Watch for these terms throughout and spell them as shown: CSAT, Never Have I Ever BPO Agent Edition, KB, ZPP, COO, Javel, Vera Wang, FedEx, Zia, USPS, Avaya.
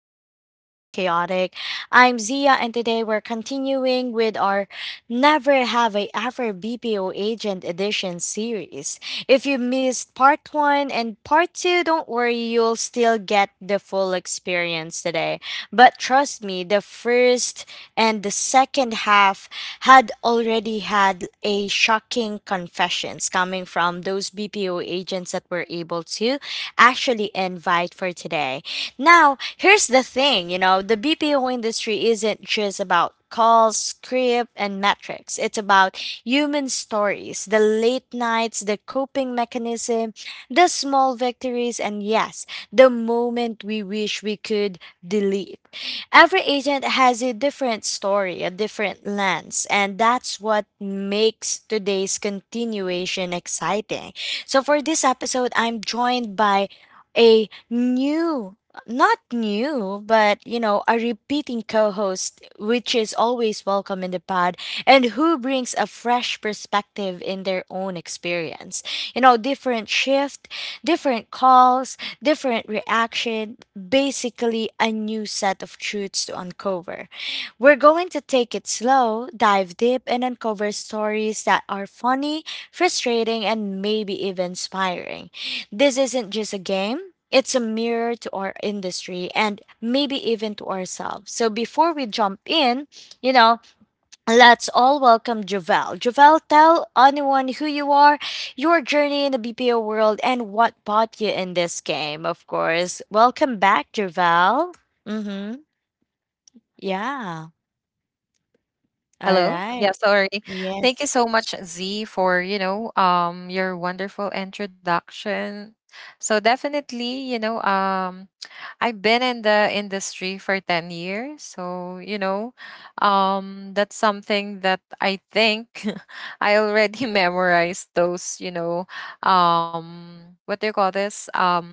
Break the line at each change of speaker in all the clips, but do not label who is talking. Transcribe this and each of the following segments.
and little chaotic. I'm Zia, and today we're continuing with our Never Have I Ever BPO Agent Edition series. If you missed part one and part two, don't worry, you'll still get the full experience today. But trust me, the first and the second half had already had a shocking confessions coming from those BPO agents that were able to actually invite for today. Now, here's the thing, the BPO industry isn't just about calls, script, and metrics. It's about human stories, the late nights, the coping mechanism, the small victories, and yes, the moment we wish we could delete. Every agent has a different story, a different lens, and that's what makes today's continuation exciting. So, for this episode, I'm joined by a new not new but a repeating co-host, which is always welcome in the pod, and who brings a fresh perspective in their own experience, different shift, different calls, different reaction, basically a new set of truths to uncover. We're going to take it slow, dive deep, and uncover stories that are funny, frustrating, and maybe even inspiring. This isn't just a game. It's a mirror to our industry and maybe even to ourselves. So before we jump in, you know, let's all welcome Javel. Javel, tell anyone who you are, your journey in the BPO world, and what brought you in this game, of course. Welcome back, Javel. Mm-hmm. Yeah. All
Hello. Yeah,
right.
sorry.
Yes.
Thank you so much, Z, for, your wonderful introduction. So definitely, I've been in the industry for 10 years. That's something that I think I already memorized those, what do you call this?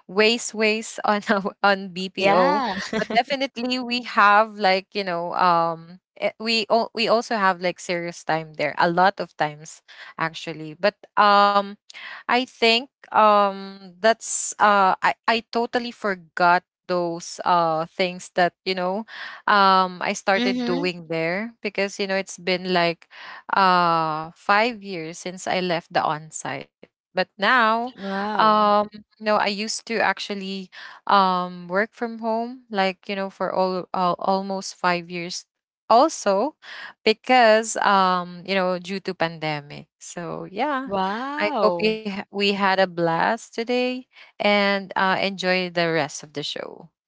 Ways on on BPO,
Yeah.
but definitely we have like we also have like serious time there a lot of times actually, but I think that's I totally forgot those things that I started
Mm-hmm.
doing there because you know it's been like 5 years since I left the on-site. But now
Wow.
um you know I used to actually work from home like you know for all almost 5 years also because you know due to pandemic. So yeah, I hope
Wow.
we had a blast today and enjoy the rest of the show.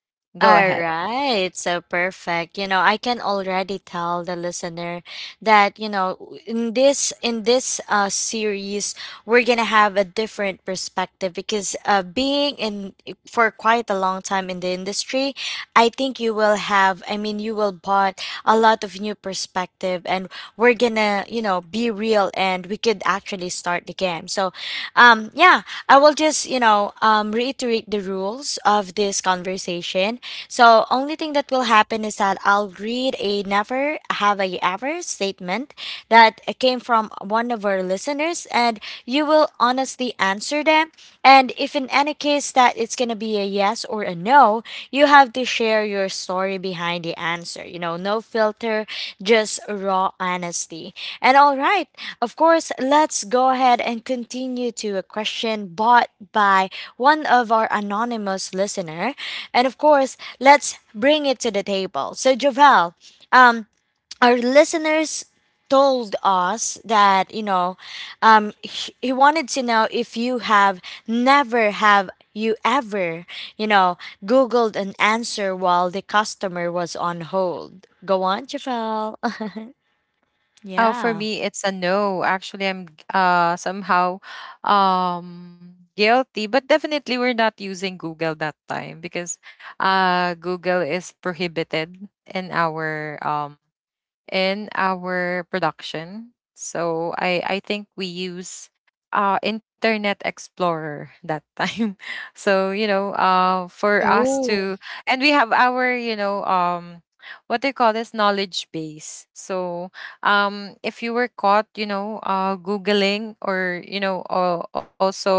Go
All
ahead.
right, so perfect. You know, I can already tell the listener that in this series we're gonna have a different perspective because being in for quite a long time in the industry, I think you will have. I mean, you will bought a lot of new perspective, and we're gonna be real, and we could actually start the game. So, yeah, I will just reiterate the rules of this conversation. So only thing that will happen is that I'll read a never have I ever statement that came from one of our listeners, and you will honestly answer them. And if in any case that it's gonna be a yes or a no, you have to share your story behind the answer. You know, no filter, just raw honesty. And all right, of course, let's go ahead and continue to a question bought by one of our anonymous listener. And of course, let's bring it to the table. So, Jovel, um, our listeners told us that he wanted to know if you have never have you ever you know googled an answer while the customer was on hold. Go on, Jovel.
Oh, for
Yeah.
me, it's a no. Actually, somehow guilty, but definitely we're not using Google that time because Google is prohibited in our um, in our production. So I think we use Internet Explorer that time. So, you know, for us
Oh.
to and we have our, what they call this knowledge base. So, if you were caught, you know, googling or you know, also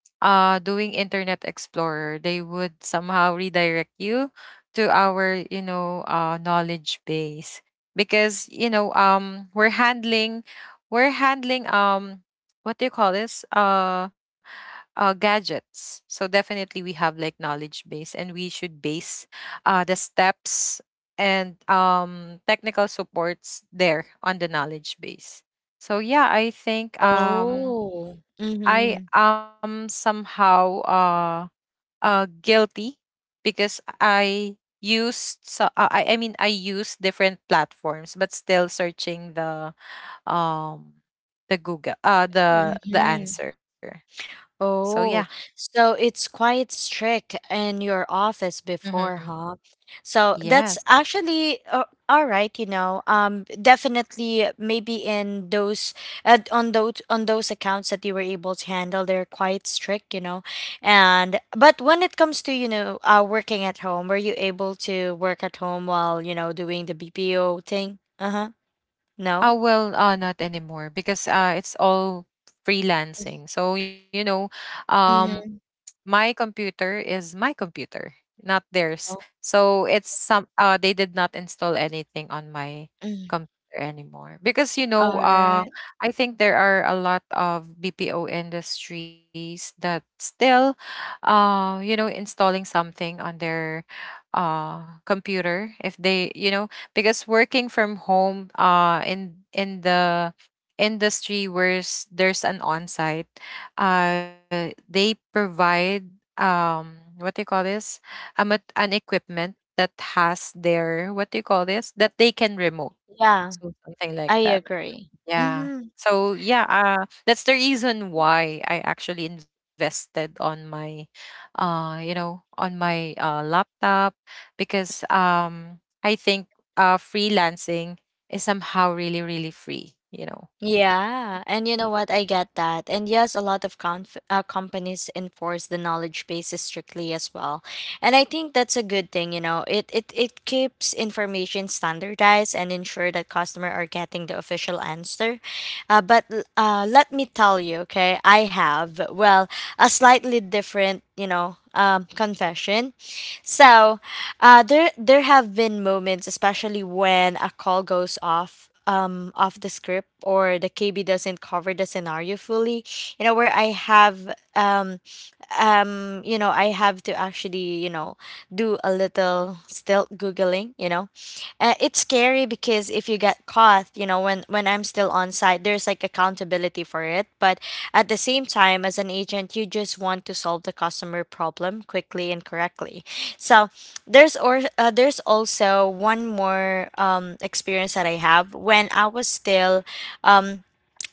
doing Internet Explorer, they would somehow redirect you to our, knowledge base because we're handling what do you call this? Gadgets. So definitely we have like knowledge base, and we should base the steps and technical supports there on the knowledge base. So yeah, I think
Oh.
I
Mm-hmm.
am somehow guilty because I used so I mean I use different platforms but still searching the um Google, the
Mm-hmm.
answer. So yeah.
Oh, so it's quite strict in your office
hmm
before, huh? So
Yes.
that's actually all right, you know. Definitely, maybe in those on those accounts that you were able to handle, they're quite strict, you know. And but when it comes to, you know, working at home, were you able to work at home while, you know, doing the BPO thing? Uh-huh.
Uh,
No?
well, uh, not anymore because it's all freelancing. So you know, um,
Mm-hmm.
my computer is my computer, not theirs.
Oh,
So it's some they did not install anything on my
mm.
computer anymore because
All right.
I think there are a lot of BPO industries that still you know installing something on their computer if they you know because working from home uh, in the industry where there's an on-site they provide what do you call this? An equipment that has their, what do you call this, that they can remote,
Yeah,
so something like
I
that,
agree.
yeah.
Mm-hmm.
So yeah, that's the reason why I actually invested on my, you know, on my laptop because I think freelancing is somehow really, really free. You know.
Yeah, and you know what? I get that. And yes, a lot of conf companies enforce the knowledge base strictly as well. And I think that's a good thing, you know. It keeps information standardized and ensure that customer are getting the official answer. But let me tell you, okay, I have, well, a slightly different, you know, confession. So, there have been moments, especially when a call goes off the script or the KB doesn't cover the scenario fully, you know, where I have to actually do a little still googling, it's scary because if you get caught, you know, when I'm still on site, there's like accountability for it. But at the same time, as an agent, you just want to solve the customer problem quickly and correctly. So there's also one more experience that I have when I was still um,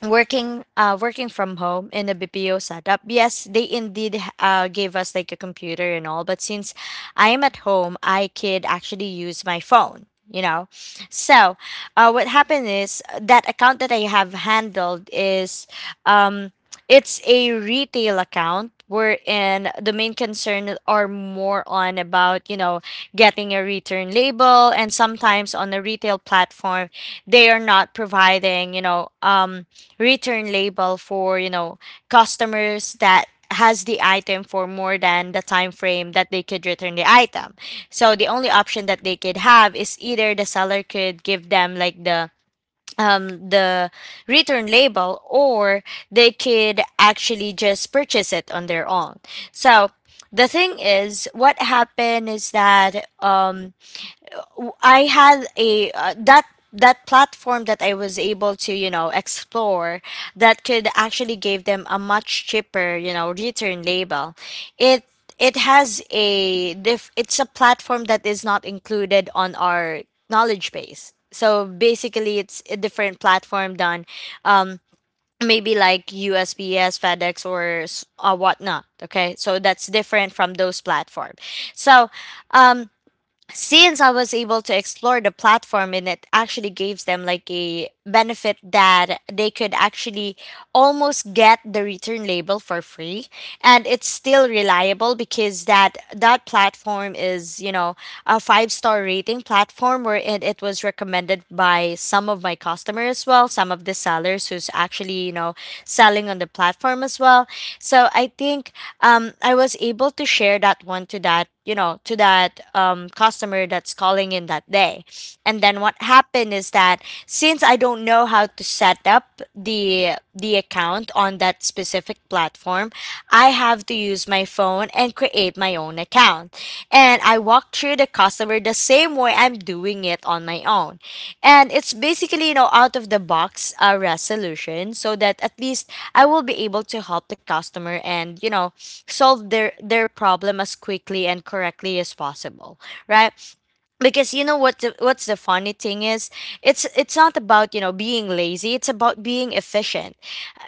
working working from home in a BPO setup. Yes, they indeed gave us like a computer and all, but since I am at home, I could actually use my phone, you know. So, what happened is that account that I have handled is um it's a retail account wherein the main concern are more on about getting a return label, and sometimes on the retail platform they are not providing return label for customers that has the item for more than the time frame that they could return the item. So the only option that they could have is either the seller could give them like the um the return label, or they could actually just purchase it on their own. So the thing is what happened is that I had a that platform that I was able to explore that could actually give them a much cheaper, you know, return label. It it's a platform that is not included on our knowledge base. So basically, it's a different platform than um, maybe like USPS, FedEx, or whatnot. Okay, so that's different from those platform. So um, since I was able to explore the platform, and it actually gives them like a benefit that they could actually almost get the return label for free, and it's still reliable because that platform is, you know, a five-star rating platform where it was recommended by some of my customers, as well some of the sellers who's actually, you know, selling on the platform as well. So I think I was able to share that one to that, you know, to that, customer that's calling in that day. And then what happened is that since I don't know how to set up the account on that specific platform, I have to use my phone and create my own account, and I walk through the customer the same way I'm doing it on my own. And it's basically, you know, out of the box resolution so that at least I will be able to help the customer and, you know, solve their problem as quickly and correctly as possible, right? Because you know what the, what's the funny thing is it's not about, you know, being lazy, it's about being efficient.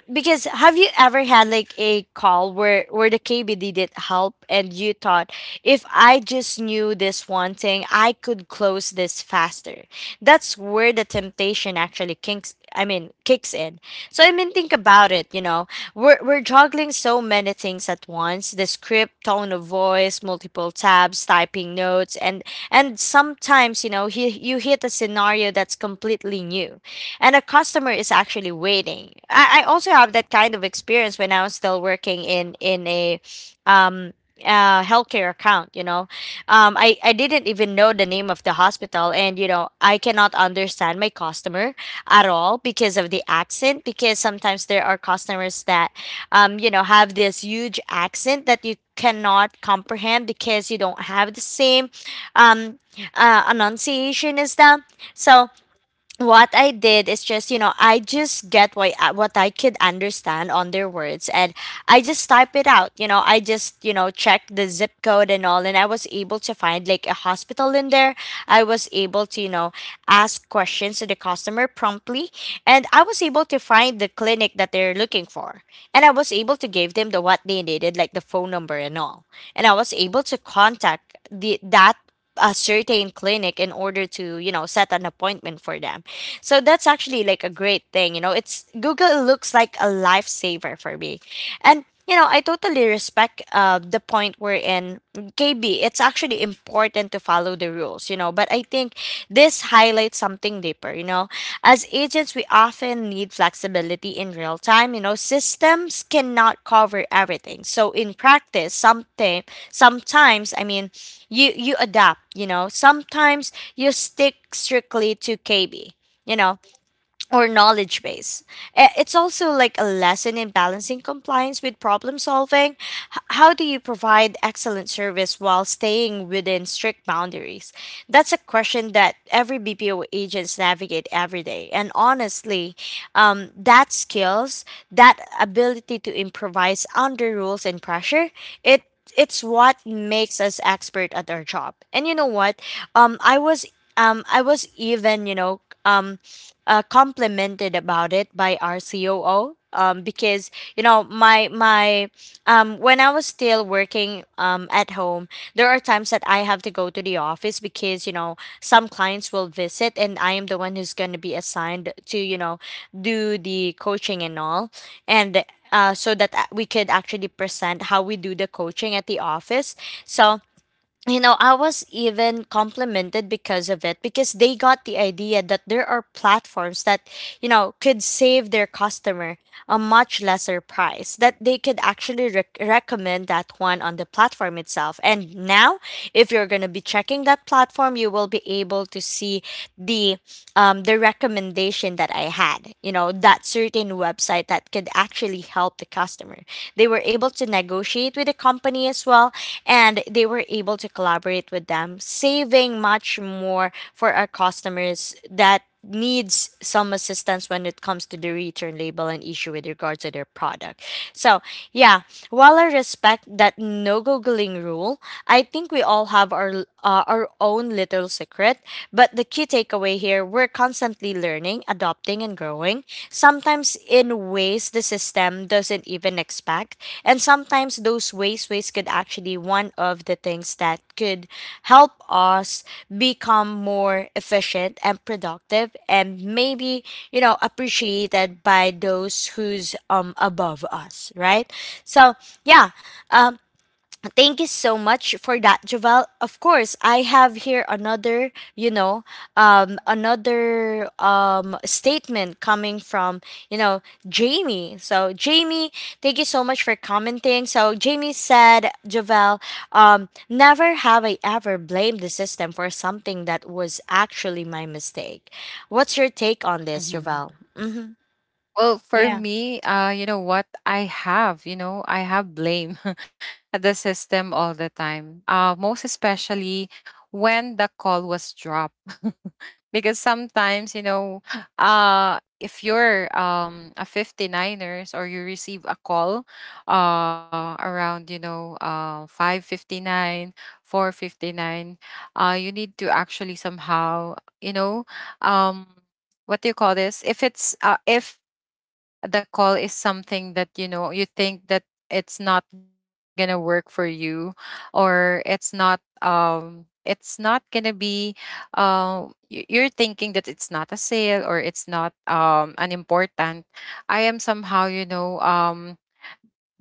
Because have you ever had like a call where the KB didn't help, and you thought, if I just knew this one thing I could close this faster. That's where the temptation actually kinks I mean kicks in. So I mean think about it, you know. We're juggling so many things at once, the script, tone of voice, multiple tabs, typing notes, and sometimes, you know, you hit a scenario that's completely new and a customer is actually waiting. I also have that kind of experience when I was still working in a um healthcare account, you know. I didn't even know the name of the hospital, and you know, I cannot understand my customer at all because of the accent, because sometimes there are customers that have this huge accent that you cannot comprehend because you don't have the same um enunciation as them. So what I did is just, you know, I just get what I could understand on their words, and I just type it out, you know, I just, you know, check the zip code and all, and I was able to find like a hospital in there. I was able to, you know, ask questions to the customer promptly, and I was able to find the clinic that they're looking for, and I was able to give them the what they needed, like the phone number and all, and I was able to contact the that a certain clinic in order to, you know, set an appointment for them. So that's actually like a great thing, you know, it's Google looks like a lifesaver for me. And you know I totally respect, the point we're in KB, it's actually important to follow the rules, you know. But I think this highlights something deeper, you know. As agents, we often need flexibility in real time, you know. Systems cannot cover everything. So in practice, something sometimes, I mean, you adapt, you know. Sometimes you stick strictly to KB, you know, or knowledge base. It's also like a lesson in balancing compliance with problem solving. How do you provide excellent service while staying within strict boundaries? That's a question that every BPO agents navigate every day. And honestly, that skills, that ability to improvise under rules and pressure, it it's what makes us expert at our job. And you know what? Um, I was I was even complimented about it by our COO. Because you know my my When I was still working at home, there are times that I have to go to the office because you know some clients will visit, and I am the one who's going to be assigned to do the coaching and all. And So that we could actually present how we do the coaching at the office. So, you know, I was even complimented because of it because they got the idea that there are platforms that, you know, could save their customer a much lesser price, that they could actually recommend that one on the platform itself. And now, if you're going to be checking that platform, you will be able to see the the recommendation that I had, you know, that certain website that could actually help the customer. They were able to negotiate with the company as well, and they were able to collaborate with them, saving much more for our customers that needs some assistance when it comes to the return label and issue with regards to their product. So, yeah, while I respect that no googling rule, I think we all have our own little secret, but the key takeaway here, we're constantly learning, adopting, and growing, sometimes in ways the system doesn't even expect. And sometimes those ways, ways could actually one of the things that could help us become more efficient and productive and maybe, you know, appreciated by those who's above us, right? So yeah, thank you so much for that, Javel. Of course, I have here another, you know, another statement coming from, you know, Jamie. So, Jamie, thank you so much for commenting. So, Jamie said, Javel, never have I ever blamed the system for something that was actually my mistake. What's your take on this,
hmm
Javel? Mm-hmm.
well, for
Yeah.
me, you know what? I have, you know, I have blame at the system all the time. Most especially when the call was dropped. Because sometimes, you know, if you're a 59ers or you receive a call around, you know, 559, 459, you need to actually somehow, you know, um, what do you call this? If the call is something that you know you think that it's not gonna work for you or it's not gonna be you're thinking that it's not a sale or it's not an important, I am somehow you know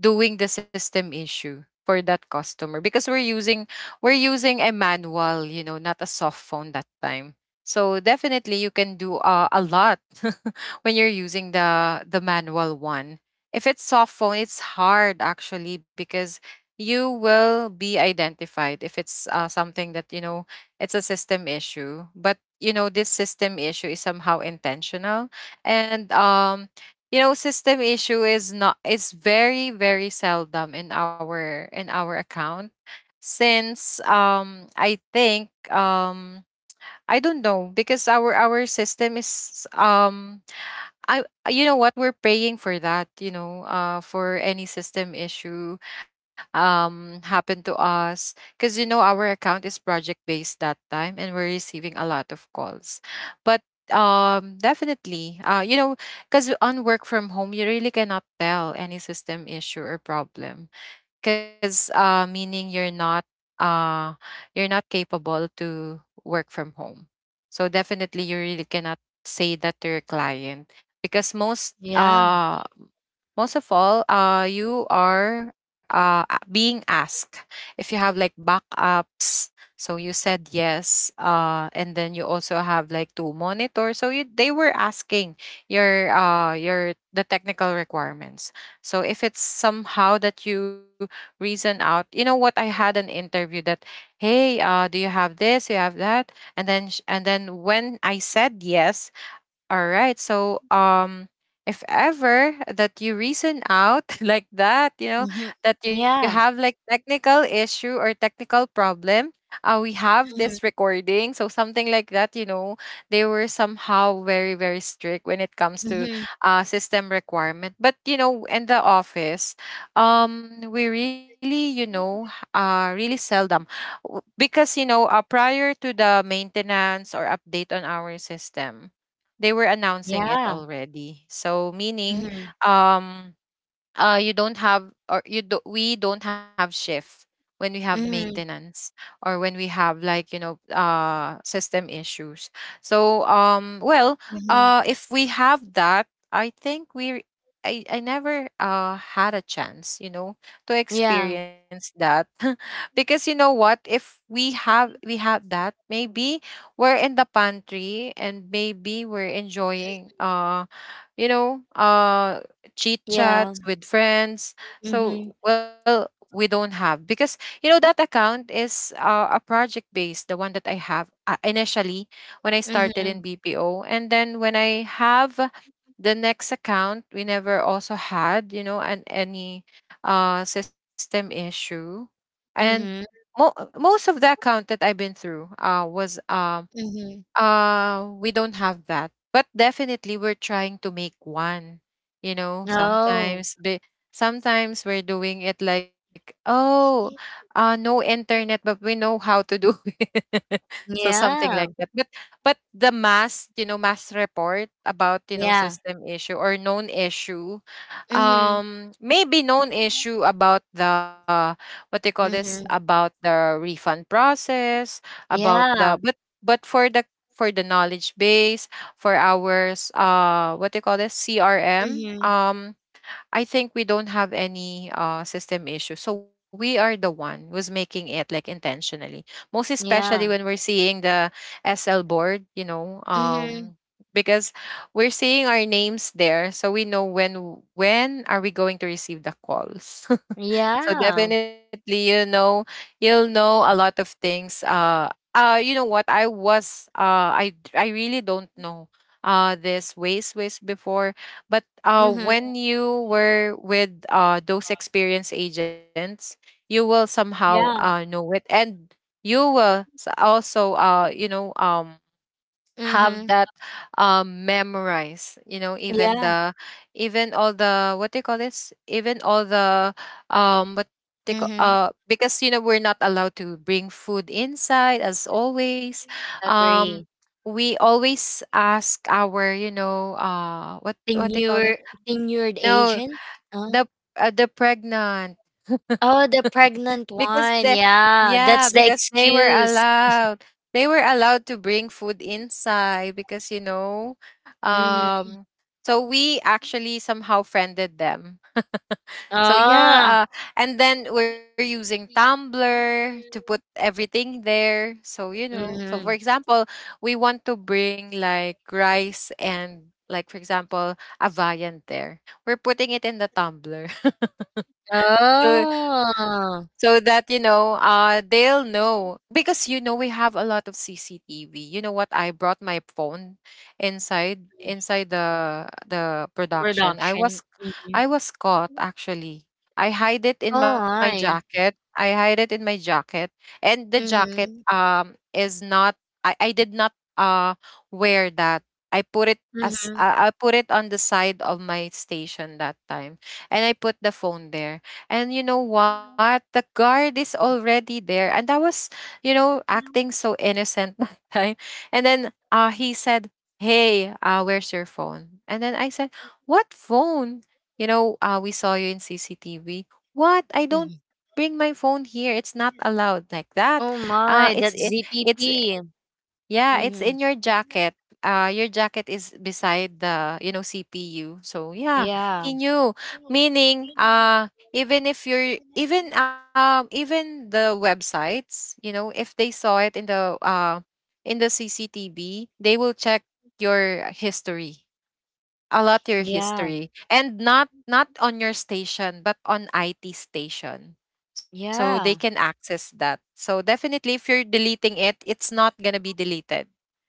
doing the system issue for that customer because we're using a manual you know not a soft phone that time. So definitely you can do a lot when you're using the manual one. If it's soft phone it's hard actually because you will be identified if it's something that you know it's a system issue, but you know this system issue is somehow intentional. And you know system issue is not is very, very seldom in our account since I think I don't know because our system is I you know what, we're praying for that you know for any system issue happen to us because you know our account is project based that time and we're receiving a lot of calls. But definitely you know, because on work from home you really cannot tell any system issue or problem because meaning uh, you're not capable to work from home. So definitely, you really cannot say that to your client because
Yeah.
most of all, you are being asked if you have like backups. So you said yes, and then you also have like two monitors. So you, they were asking your the technical requirements. So if it's somehow that you reason out. You know what? I had an interview that, hey, do you have this? You have that? And then when I said yes, all right. So, if ever that you reason out like that, you know,
Mm-hmm.
that you have
Yeah.
like technical issue or technical problem, we have this recording. So something like that, you know, they were somehow very, very strict when it comes to
Mm-hmm.
system requirement. But you know, in the office, we really, you know, really seldom because you know, prior to the maintenance or update on our system they were announcing it
Yeah.
already. So meaning,
Mm-hmm.
um, you don't have or you do, we don't have shift when we have
Mm-hmm.
maintenance or when we have like you know system issues. So well,
Mhm.
if we have that I think I never had a chance you know to
Yeah,
experience that. Because you know what, if we have, we had that, maybe we're in the pantry and maybe we're enjoying you know uh chit
yeah.
chats with friends.
Mhm.
So, well, we don't have because you know that account is a project based, the one that I have initially when I started
Mhm.
in BPO, and then when I have the next account, we never also had you know an any system issue, and
Mhm.
most of the account that I've been through was
Mhm.
we don't have that. But definitely we're trying to make one. You know,
Oh.
sometimes we're doing it like, oh, no internet, but we know how to do it. So something
Yeah.
like that. But the mass, you know, mass report about, you know,
Yeah.
system issue or known issue.
Mhm.
Maybe known issue about the what they call this,
Mhm.
about the refund process, about the
Yeah.
but for the knowledge base, for our what do you call this, CRM.
Mhm.
I think we don't have any system issue, so we are the one who's making it, like, intentionally. Most especially when
Yeah.
we're seeing the SL board, you know,
Mhm.
because we're seeing our names there, so we know when are we going to receive the calls. So
Yeah.
definitely, you know, you'll know a lot of things. You know what? I was, I, d- I really don't know, this ways before, but
Mhm.
when you were with those experienced agents, you will somehow
Yeah.
know it, and you also have
Mhm.
that memorized you know even
Yeah.
the even all the what do you call this? Even all the what they call
Mhm.
because you know we're not allowed to bring food inside as always, um
Agree.
we always ask our what they call this,
Tenured, tenured
no,
agents? Huh?
the the pregnant,
Oh, the pregnant
because the,
one. Yeah.
yeah,
That's
because
the
they were
excuse.
allowed, they were allowed to bring food inside because you know
Mhm.
um so we actually somehow friended them, so
Oh.
yeah, and then we're using tumblr to put everything there, so you know, so for
Mhm.
example we want to bring like rice and like for example a viand there, we're putting it in the tumbler.
Oh,
So that you know they'll know because you know we have a lot of CCTV. You know what, I brought my phone inside the production. I
production.
was,
Mhm.
I was caught actually. I hide it in my
Oh,
jacket,
I.
and the jacket
Mhm.
is not, I did not uh wear that. I put it as
Mhm.
I I put it on the side of my station that time, and I put the phone there. And you know what? The guard is already there. And I was, you know, acting so innocent that time. And then he said, hey, where's your phone? And then I said, what phone? You know, we saw you in CCTV. What? I don't
Mhm.
bring my phone here. It's not allowed like that.
Oh
Uh, it's
my,
it,
that's
it's
ZPP.
yeah, it's in
Mhm.
your jacket. Your jacket is beside the CPU. So yeah, he
Yeah.
knew. Meaning, even if you're even the websites, you know, if they saw it in the in the CCTV, they will check your history, a lot your
Yeah.
history, and not on your station, but on IT station. So they can
Yeah.
access that. So definitely, if you're deleting it, it's not gonna be deleted,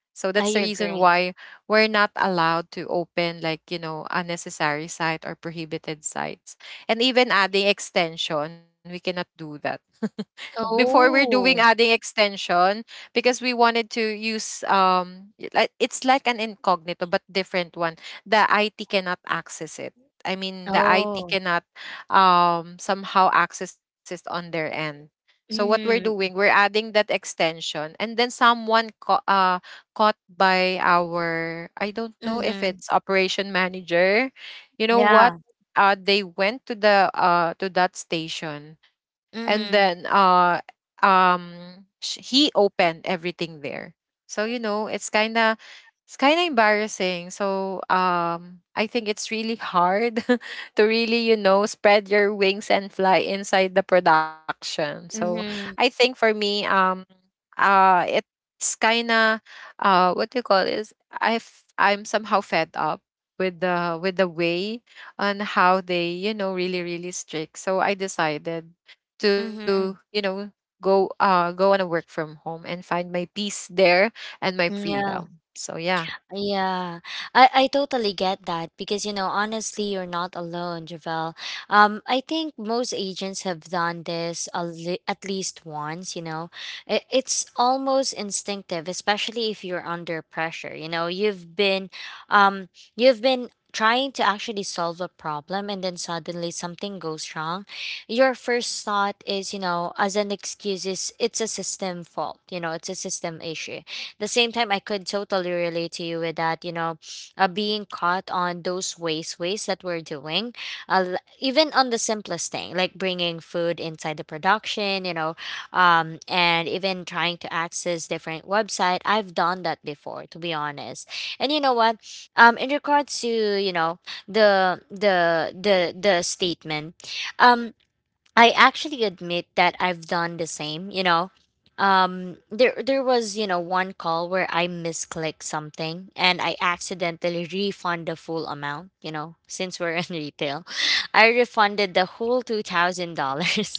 so that's
I
the reason
agree.
why we're not allowed to open, like, you know, unnecessary site or prohibited sites. And even adding extension, we cannot do that. Before we're doing adding
Oh.
extension because we wanted to use it's like an incognito but different one. The IT cannot access it. I mean, the IT
Oh.
cannot somehow access it on their end. So what we're doing, we're
Mhm.
adding that extension, and then someone caught by our, I don't know if
Mhm.
it's operation manager. You know what?
Yeah.
Uh, they went to the to that station and then
Mhm.
he opened everything there. So you know, it's kind of embarrassing. So I think it's really hard to really, you know, spread your wings and fly inside the production. So I
Mhm.
think for me, it's kind of, uh, what do you call is, I'm somehow fed up with the way on how they, you know, really really strict, so I decided to, you
Mhm.
know, go on a work from home and find my peace there and my
Yeah.
freedom, so yeah.
Yeah, I totally get that because, you know, honestly, you're not alone, Javel. I think most agents have done this a at least once, you know. I It's almost instinctive, especially if you're under pressure. You know, um, you've been trying to actually solve a problem and then suddenly something goes wrong. Your first thought is, you know, as an excuse is it's a system fault, you know, it's a system issue. The same time, I could totally relate to you with that, you know, being caught on those waste ways that we're doing, even on the simplest thing like bringing food inside the production, you know, and even trying to access different website. I've done that before, to be honest. And you know what? In regards to, you know, the statement um. I actually admit that I've done the same, you know. There was, you know, one call where I misclicked something and I accidentally refund the full amount, you know, since we're in retail. I refunded the whole $2,000.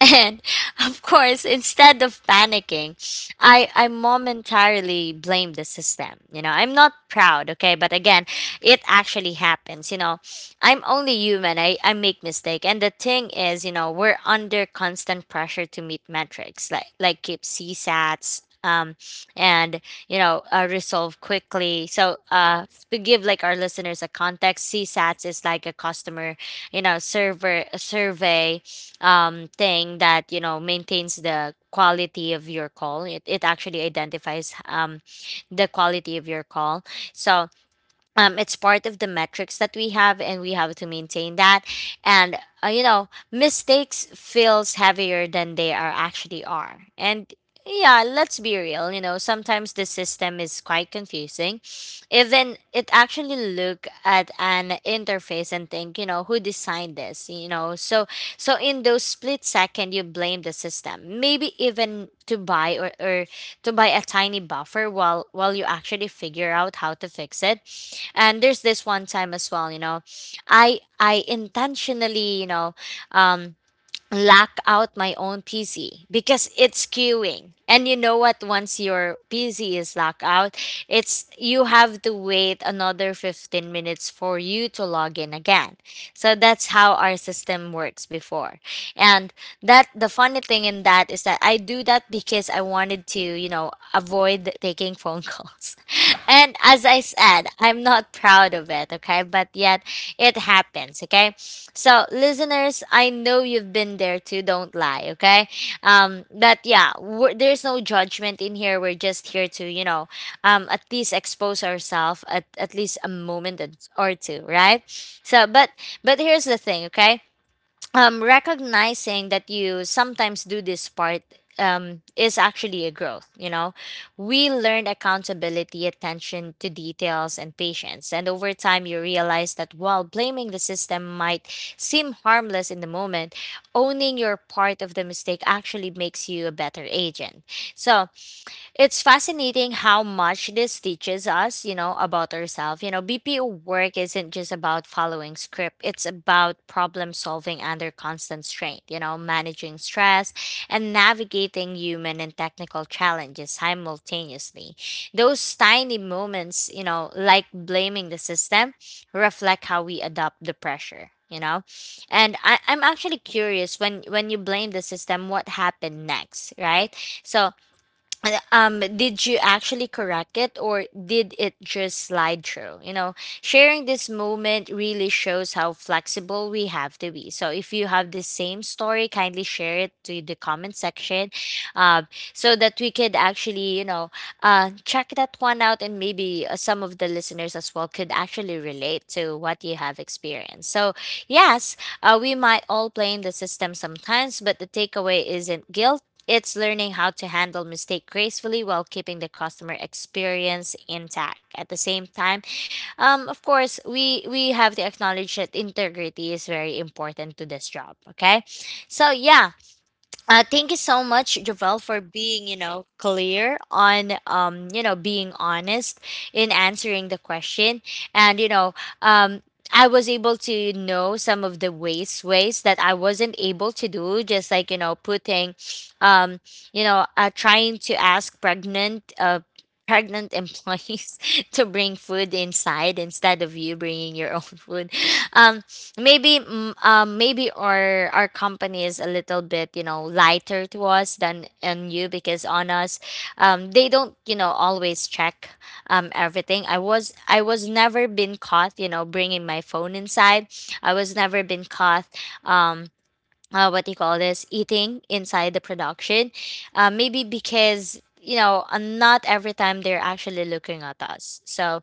And of course, instead of panicking, I momentarily blame the system. You know, I'm not proud, okay, but again, it actually happens, you know. I'm only human. I make mistake. And the thing is, you know, we're under constant pressure to meet metrics like keep CSATs and you know resolve quickly. So to give like our listeners a context, CSATs is like a customer, you know, server survey thing that, you know, maintains the quality of your call. It actually identifies the quality of your call. So it's part of the metrics that we have and we have to maintain that. And you know, mistakes feels heavier than they are actually are. And yeah, let's be real, you know, sometimes the system is quite confusing. Even it actually look at an interface and think, you know, who designed this, you know. So so in those split second you blame the system, maybe even to buy, or to buy a tiny buffer while you actually figure out how to fix it. And there's this one time as well, you know, I intentionally, you know um lock out my own PC because it's queuing. And you know what, once your PC is locked out, it's you have to wait another 15 minutes for you to log in again. So that's how our system works before. And that the funny thing in that is that I do that because I wanted to, you know, avoid taking phone calls. And as I said, I'm not proud of it, okay? But yet it happens, okay? So, listeners, I know you've been there too, don't lie, okay? But yeah, there's no judgment in here. We're just here to, you know, at least expose ourselves at least a moment or two, right? But but here's the thing, okay? Recognizing that you sometimes do this part is actually a growth. You know, we learn accountability, attention to details, and patience. And over time, you realize that while blaming the system might seem harmless in the moment, owning your part of the mistake actually makes you a better agent. So, it's fascinating how much this teaches us, you know, about ourselves. You know, BPO work isn't just about following script, it's about problem solving under constant strain, you know, managing stress and navigating human and technical challenges simultaneously. Those tiny moments, you know, like blaming the system, reflect how we adopt the pressure. You know, and I'm actually curious, when you blame the system, what happened next, right? So did you actually correct it or did it just slide through, you know? Sharing this moment really shows how flexible we have to be. So if you have the same story, kindly share it to the comment section, um so that we could actually, you know, check that one out, and maybe some of the listeners as well could actually relate to what you have experienced. So yes, we might all blame the system sometimes, but the takeaway isn't guilt. It's learning how to handle mistake gracefully while keeping the customer experience intact. At the same time, of course, we have to acknowledge that integrity is very important to this job. Okay, so yeah, thank you so much, Javel, for being, you know, clear on, you know, being honest in answering the question, and you know, um, I was able to know some of the ways ways that I wasn't able to do, just like you know, putting, um, you know, trying to ask pregnant, pregnant employees to bring food inside instead of you bringing your own food. Um, maybe maybe our company is a little bit you know lighter to us than on you, because on us they don't you know always check everything. I was, I was never been caught, you know, bringing my phone inside. I was never been caught um what do you call this, eating inside the production. Maybe because you know not every time they're actually looking at us. So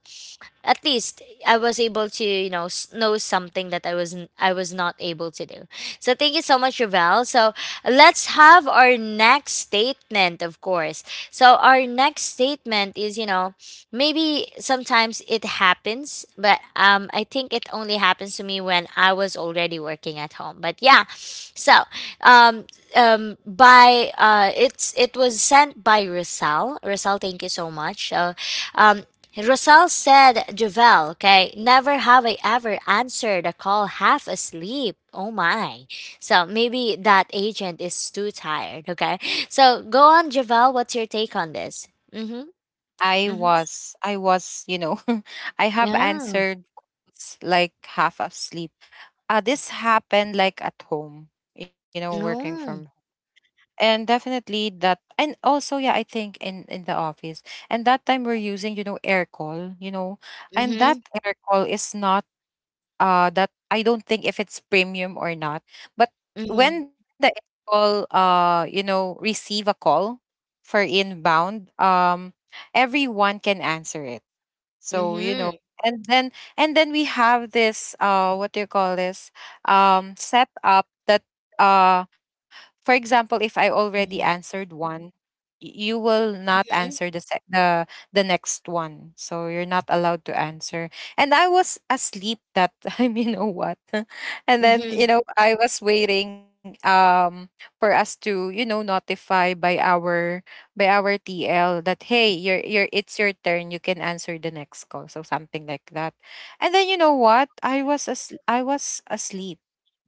at least I was able to, you know, know something that I was not able to do. So thank you so much, Ravel. So let's have our next statement, of course. So our next statement is, you know, maybe sometimes it happens, but I think it only happens to me when I was already working at home. But yeah, so um, by it was sent by Rosal. Rosal, thank you so much. So um, Rosal said, Javel, okay, never have I ever answered a call half asleep. Oh my. So maybe that agent is too tired, okay? So go on, Javel, what's your take on this? Mm-hmm.
I
Mm-hmm.
was, I was, you know, I have
Yeah.
answered calls like half asleep. This happened like at home, you know, working from.
No.
And definitely that, and also yeah, I think in the office, and that time we're using, you know, air call, you know. And that
Mm-hmm.
air call is not, uh, that, I don't think if it's premium or not, but
Mm-hmm.
when the air call, uh, you know, receive a call for inbound, everyone can answer it. So, you
Mm-hmm.
know, and then we have this, uh, what do you call this? Um, setup that, uh, for example, if I already answered one, you will not answer
Mm-hmm.
the the next one, so you're not allowed to answer. And I was asleep that time, you know what? And then, you
Mm-hmm.
know, I was waiting, for us to, you know, notify by our TL that, hey, your it's your turn, you can answer the next call, so something like that. And then, you know what, I was as I was asleep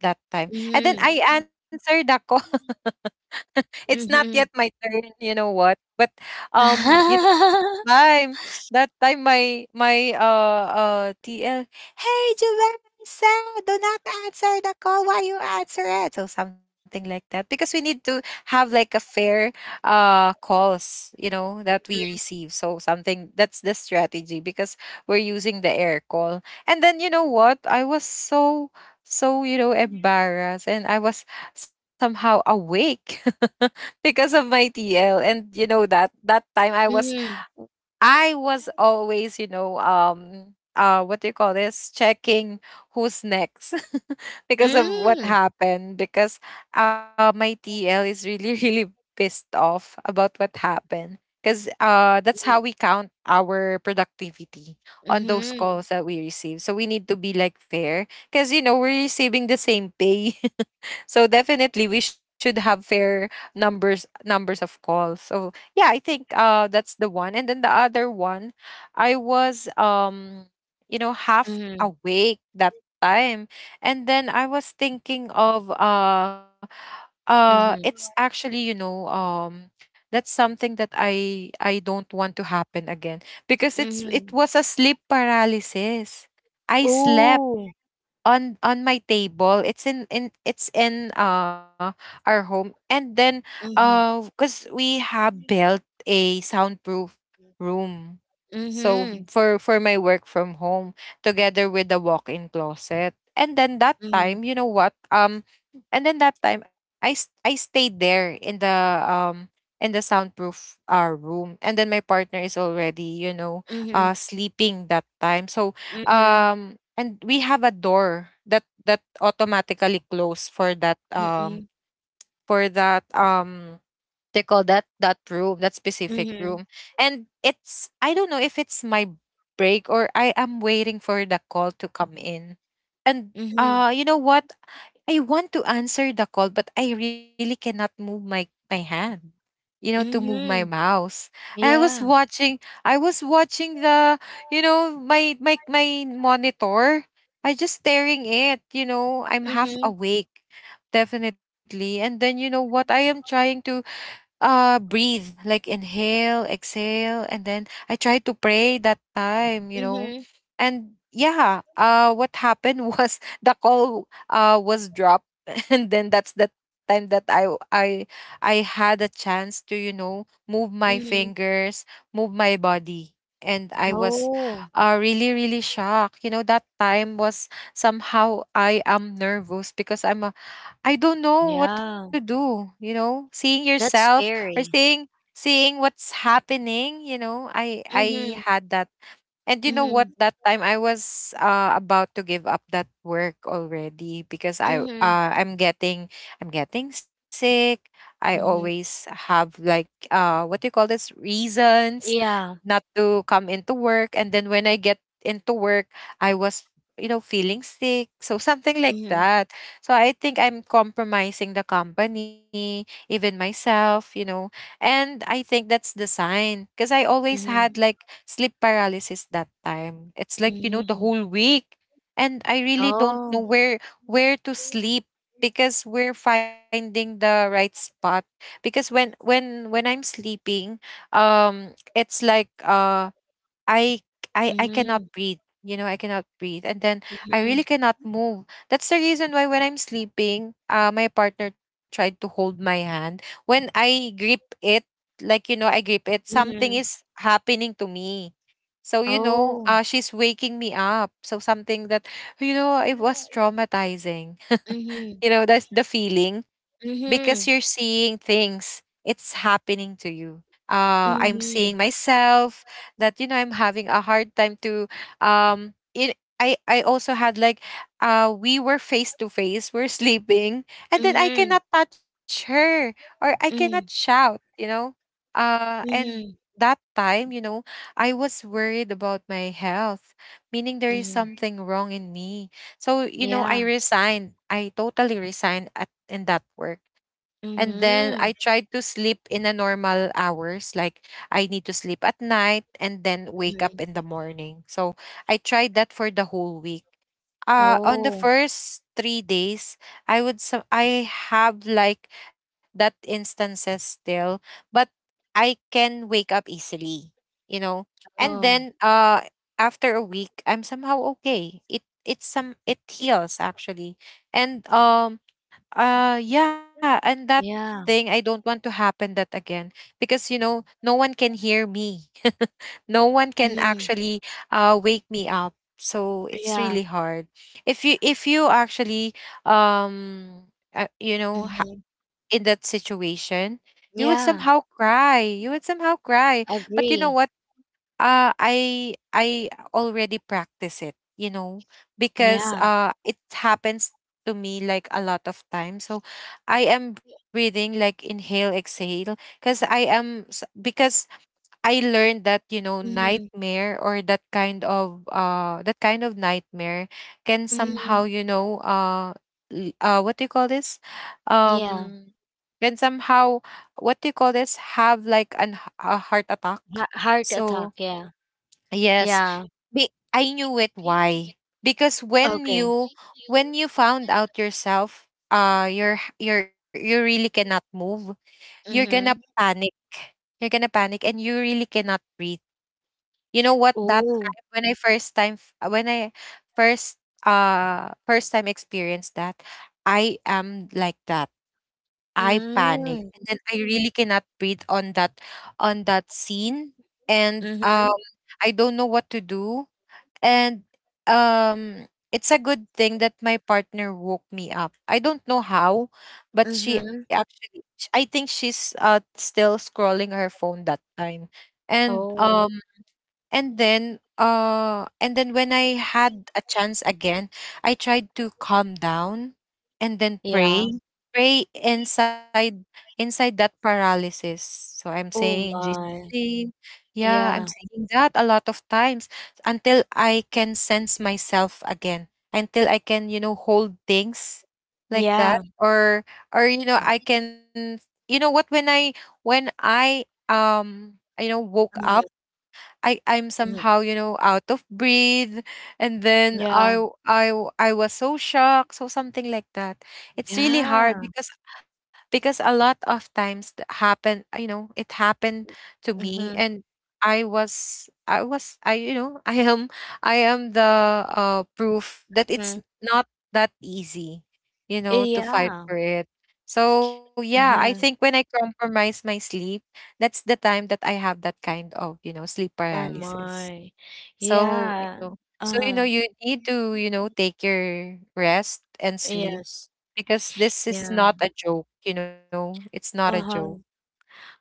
that time, and then
Mm-hmm.
I answered the call. It's not yet
Mm-hmm.
my turn, you know what? But you time, that time my TL, hey Julissa, do not answer the call. Why you answer it? So something like that. Because we need to have like a fair, uh, calls, you know, that we receive. So something, that's the strategy because we're using the air call. And then you know what? I was so you know embarrassed, and I was somehow awake because of my TL. And you know, that that time I was,
Mm-hmm.
I was always, you know, what do you call this? Checking who's next because of what
Mm-hmm.
happened. Because my TL is really, really pissed off about what happened. Because that's how we count our productivity on those
Mm-hmm.
calls that we receive. So we need to be like fair because, you know, we're receiving the same pay. So definitely we should have fair numbers of calls. So yeah, I think that's the one. And then the other one, I was you know half
Mm-hmm.
awake that time. And then I was thinking of it's
Mm-hmm.
actually, you know, um, that's something that I don't want to happen again because
Mm-hmm.
it was a sleep paralysis. I slept
Ooh.
on my table, it's in our home. And then, uh, because we have built a soundproof room, so
Mhm,
for my work from home, together with the walk-in closet. And then that
mhm,
time, you know what, um, and then that time, I stayed there um in the soundproof, room. And then my partner is already, you know, uh,
mhm,
sleeping that time. So
mhm,
um, and we have a door that that automatically close for that
mm,
um, they call that, that room, that specific room.
mhm,
And it's, I don't know if it's my break or I am waiting for the call to come in. And
mhm,
uh, you know what, I want to answer the call, but I really cannot move my, my hand, you know, to move my
mhm.
mouse. I was
Yeah.
watching, I was watching the, you know, my monitor. I just staring it, you know, I'm half
Mhm,
awake, definitely. And then, you know what, I am trying to, uh, breathe, like, inhale, exhale. And then I tried to pray that time, you know.
mhm,
And yeah, uh, what happened was the call, uh, was dropped. And then that's the time that I had a chance to, you know, move my
mhm.
fingers, move my body. And I was,
Oh,
really really shocked, you know. That time was somehow, I am nervous because I don't know what to
yeah.
do, you know, seeing
That's
yourself, or seeing
scary.
seeing what's happening, you know. I
Mhm,
had that. And you know what?
mhm,
That time I was, about to give up that work already, because I,
mhm,
I'm getting I'm getting sick. I always
mhm.
have like, uh, what do you call this, reasons
Yeah.
not to come into work. And then when I get into work, I was, you know, feeling sick, so something like
Mhm,
that. So I think I'm compromising the company, even myself. You know, and I think that's the sign, because I always had
mhm,
like sleep paralysis that time. It's like, you know, the
mhm.
whole week. And I really don't know
Oh.
where to sleep, because we're finding the right spot. Because when I'm sleeping, it's like I I cannot
Mhm,
breathe. You know, I cannot breathe. And then I really
mhm,
cannot move. That's the reason why when I'm sleeping, uh, my partner tried to hold my hand. When I grip it, like, you know, I grip it, something is
mhm.
happening to me. So, you know,
Oh.
she's waking me up. So, something that, you know, it was
Mhm,
traumatizing.
mhm,
You know, that's the feeling, because you're
mhm,
seeing things, it's happening to you. I'm seeing
mhm,
myself that, you know, I'm having a hard time to, it, I also had like, we were face to face, we're sleeping, and then I cannot touch her or I cannot
mhm,
shout, you know, and
mhm,
that time, you know, I was worried about my health, meaning there is
mhm.
something wrong in me. So, you know, I
Yeah.
resigned. I totally resigned at in that work. And then I
Mhm,
tried to sleep in a normal hours, like I need to sleep at night and then wake up
mhm.
in the morning. So I tried that for the whole week. On the
Oh,
first 3 days, I would so I have like that instances still, but I can wake up easily. You know, and
oh,
then uh, after a week I'm somehow okay, it it's some, it heals actually. And yeah, and that thing I
yeah.
don't want to happen that again, because you know, no one can hear me. No one can
Mhm.
actually wake me up, so it's
Yeah.
really hard if you, if you actually, um you know, ha-,
Mhm.
in that situation, you would somehow
Yeah.
cry, you would somehow cry. But you know what,
Agree.
uh, I already practice it, you know, because
Yeah.
uh, it happens to me like a lot of times. So I am breathing, like, inhale, exhale, because because I learned that, you know,
Mhm.
nightmare or that kind of that kind of nightmare can somehow,
Mhm.
you know, uh, what do you call this?
Yeah.
Um, can somehow, what do you call this, have like an a heart attack.
Ha heart
So,
attack. Yeah.
yes.
Yeah.
I knew it why. Because when
Okay.
you, when you found out yourself, uh, you really cannot move, you're gonna
Mhm.
panic. You're gonna panic, and you really cannot breathe. You know what, that
Oh.
time when I first uh, first time experienced that, I am like that. I panic and then
Mm.
I really cannot breathe on that scene and
Mhm.
I don't know what to do and it's a good thing that my partner woke me up. I don't know how, but she
Mhm.
actually I think she's still scrolling her phone that time. And
Oh.
um and then when I had a chance again, I tried to calm down and then
Yeah.
pray, pray inside, inside that paralysis. So I'm saying in
Oh
Jesus
my.
name, yeah, I'm
Yeah.
saying that a lot of times until I can sense myself again, until I can, you know, hold things like that,
Yeah.
or, you know, I can, you know what, when I um you know, woke up,
Mhm.
I'm
Mhm.
somehow, you know, out of breath, and then
Yeah.
I was so shocked, so something like that. It's really hard
Yeah.
because a lot of times that happen, you know, it happened to me,
Mhm.
and I you know I am the proof that it's
Mhm.
not that easy, you know, to fight
Yeah.
for it. So yeah, I
Uh-huh.
think when I compromise my sleep, that's the time that I have that kind of, you know, sleep
Oh
paralysis.
my.
So, you
Yeah.
know, so you know,
Uh-huh.
you need to, you know, take your rest and sleep,
Yes.
because this is
Yeah.
not a joke, you know. It's not a joke.
Uh-huh.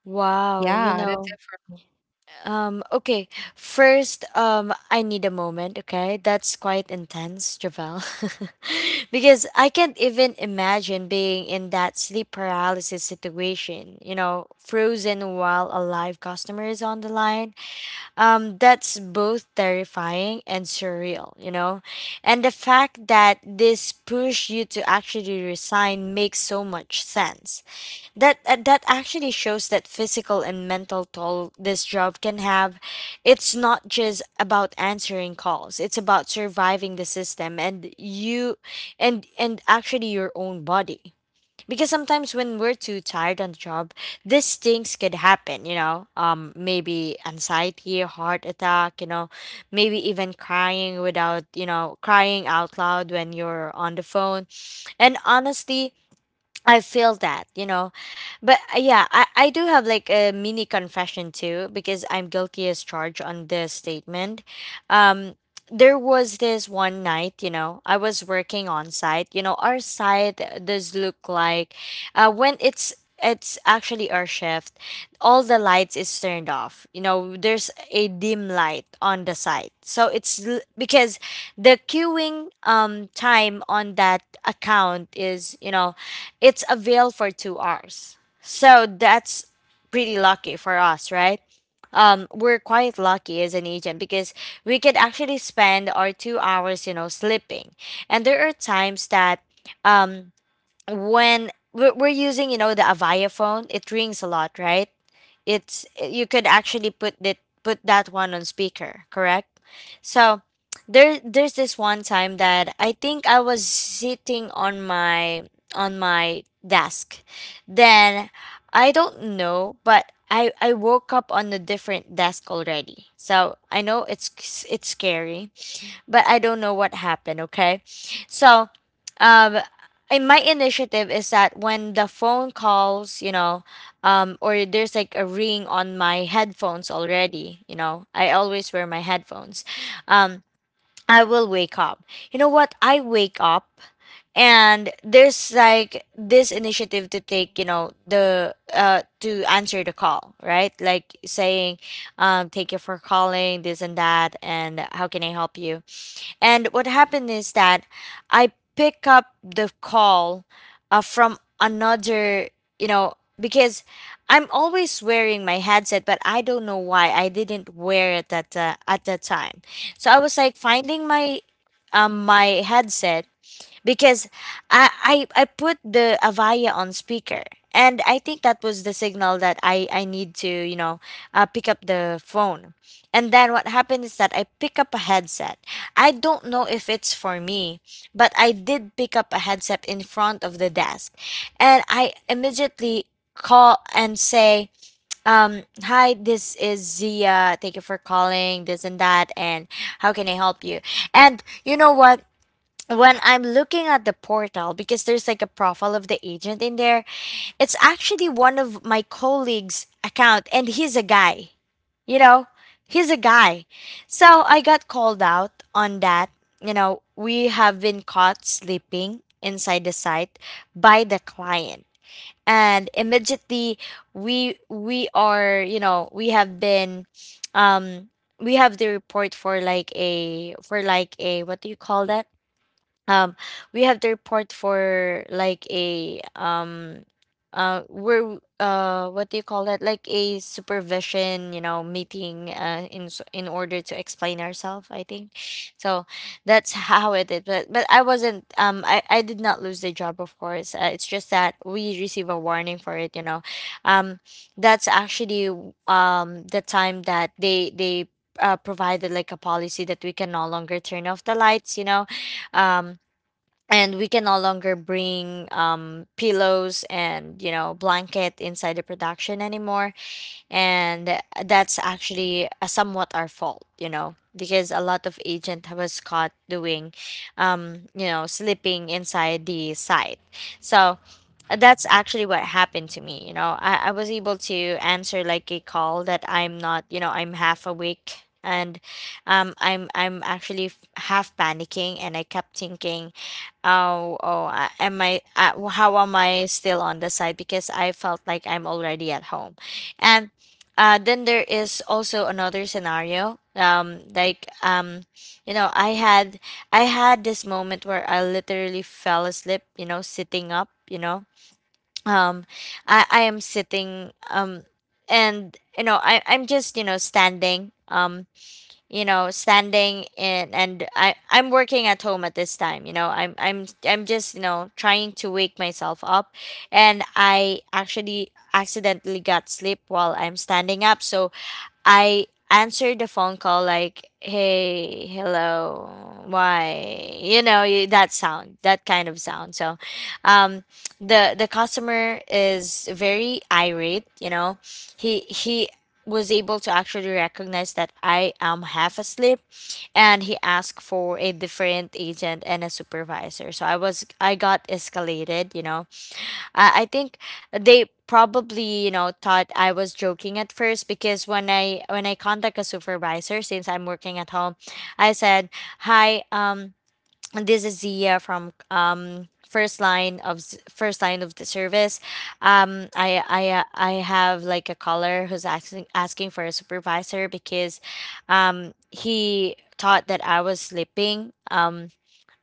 Wow,
Yeah,
you
that's it for
know.
me.
Okay, first I need a moment, okay? That's quite intense, Javel. Because I can't even imagine being in that sleep paralysis situation, you know, frozen while a live customer is on the line. That's both terrifying and surreal, you know? And the fact that this pushed you to actually resign makes so much sense. That actually shows that physical and mental toll this job can have. It's not just about answering calls. It's about surviving the system, and you, and actually your own body, because sometimes when we're too tired on the job, these things could happen, maybe anxiety, heart attack, maybe even crying without, crying out loud when you're on the phone. And honestly, I feel that. But yeah, I do have like a mini confession too, because I'm guilty as charged on this statement. um there was this one night, you know, I was working on site. You know, our site does look like when it's actually our shift, all the lights is turned off. You know, there's a dim light on the site. So because the queuing time on that account is, you know, it's available for 2 hours. So that's pretty lucky for us, right? We're quite lucky as an agent because we could actually spend our 2 hours, you know, sleeping. And there are times that um, when we're using, you know, the Avaya phone, it rings a lot, right? it's you could actually put that one on speaker, correct? So there's this one time that I think I was sitting on my desk. Then I don't know, but I woke up on a different desk already, so I know it's scary. But I don't know what happened. Okay, so um, in my initiative is that when the phone calls, you know, or there's like a ring on my headphones already. You know, I always wear my headphones. Um, I will wake up. You know what? I wake up. And there's like this initiative to take, you know, the to answer the call, right? Like saying, "Thank you for calling," this and that, and how can I help you? And what happened is that I pick up the call from another, you know, because I'm always wearing my headset, but I don't know why I didn't wear it at the time. So I was like finding my my headset because I put the Avaya on speaker, and I think that was the signal that I need to pick up the phone, and then what happened is that I pick up a headset. I don't know if it's for me, but I did pick up a headset in front of the desk, and I immediately call and say, "Hi, this is Zia. Thank you for calling," this and that, "and how can I help you?" And you know what? When I'm looking at the portal, because there's like a profile of the agent in there, it's actually one of my colleagues' account, and he's a guy. You know, he's a guy. So I got called out on that. You know, we have been caught sleeping inside the site by the client, and immediately we are, you know, we have been, um we have the report for like a, what do you call that, um we have to report for like a, we're what do you call that, like a supervision, you know, meeting in in order to explain ourselves, I think. So that's how it is. But I wasn't, I did not lose the job, of course. It's just that we receive a warning for it. um that's actually the time that they provided like a policy that we can no longer turn off the lights, um and we can no longer bring, pillows and blanket inside the production anymore. And that's actually somewhat our fault, because a lot of agent was caught doing, sleeping inside the site. So that's actually what happened to me. You know, I was able to answer like a call that I'm not, I'm half awake. And I'm actually half panicking, and I kept thinking, oh, oh, am I? How am I still on the side? Because I felt like I'm already at home. And then there is also another scenario. Like, you know, I had I had this moment where I literally fell asleep. You know, sitting up. You know, um, I am sitting, and I'm just standing, standing in. And I'm working at home at this time. You know, I'm just, trying to wake myself up. And I actually accidentally got sleep while I'm standing up. So I answered the phone call like, hey, hello, why? You know, that sound, that kind of sound. So um, the customer is very irate, you know. He was able to actually recognize that I am half asleep, and he asked for a different agent and a supervisor. So I got escalated. You know, I think they probably, you know, thought I was joking at first, because when I contact a supervisor, since I'm working at home, I said, "Hi, this is Zia from, first line of first line of the service. I have like a caller who's asking for a supervisor because, he thought that I was sleeping.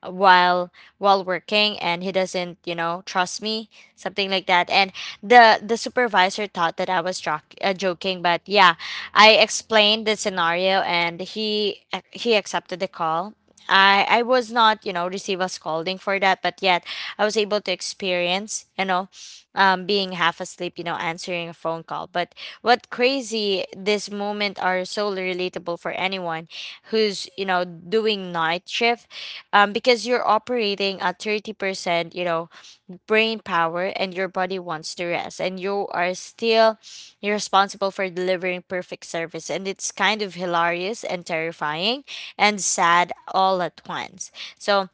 while while working, and he doesn't trust me, something like that." And the supervisor thought that I was joking, but yeah, I explained the scenario, and he accepted the call. I was not, receive a scolding for that, but yet I was able to experience, being half asleep, answering a phone call. But what crazy this moment are, so relatable for anyone who's doing night shift, because you're operating at 30%, you know, brain power, and your body wants to rest, and you are still, you're responsible for delivering perfect service. And it's kind of hilarious and terrifying and sad all at once. So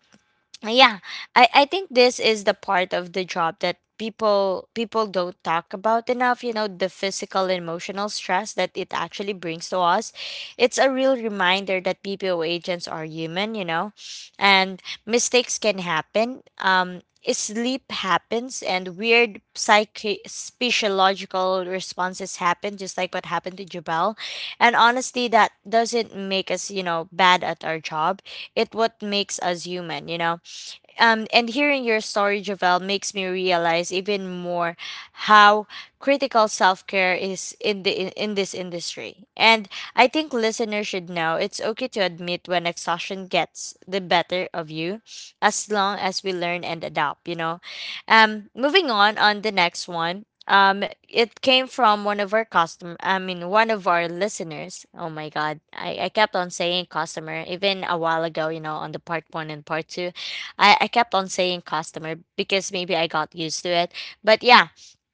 yeah, I think this is the part of the job that people don't talk about enough, the physical and emotional stress that it actually brings to us. It's a real reminder that BPO agents are human. And mistakes can happen. Sleep happens, and weird psyche physiological responses happen, just like what happened to Jabal. And honestly, that doesn't make us, bad at our job. It what makes us human. And hearing your story, Javel, makes me realize even more how critical self care is in in this industry. And I think listeners should know it's okay to admit when exhaustion gets the better of you, as long as we learn and adapt. You know, moving on the next one. It came from one of our custom. I mean, one of our listeners. Oh my God, I kept on saying customer even a while ago. You know, on the part one and part two I kept on saying customer because maybe I got used to it. But yeah,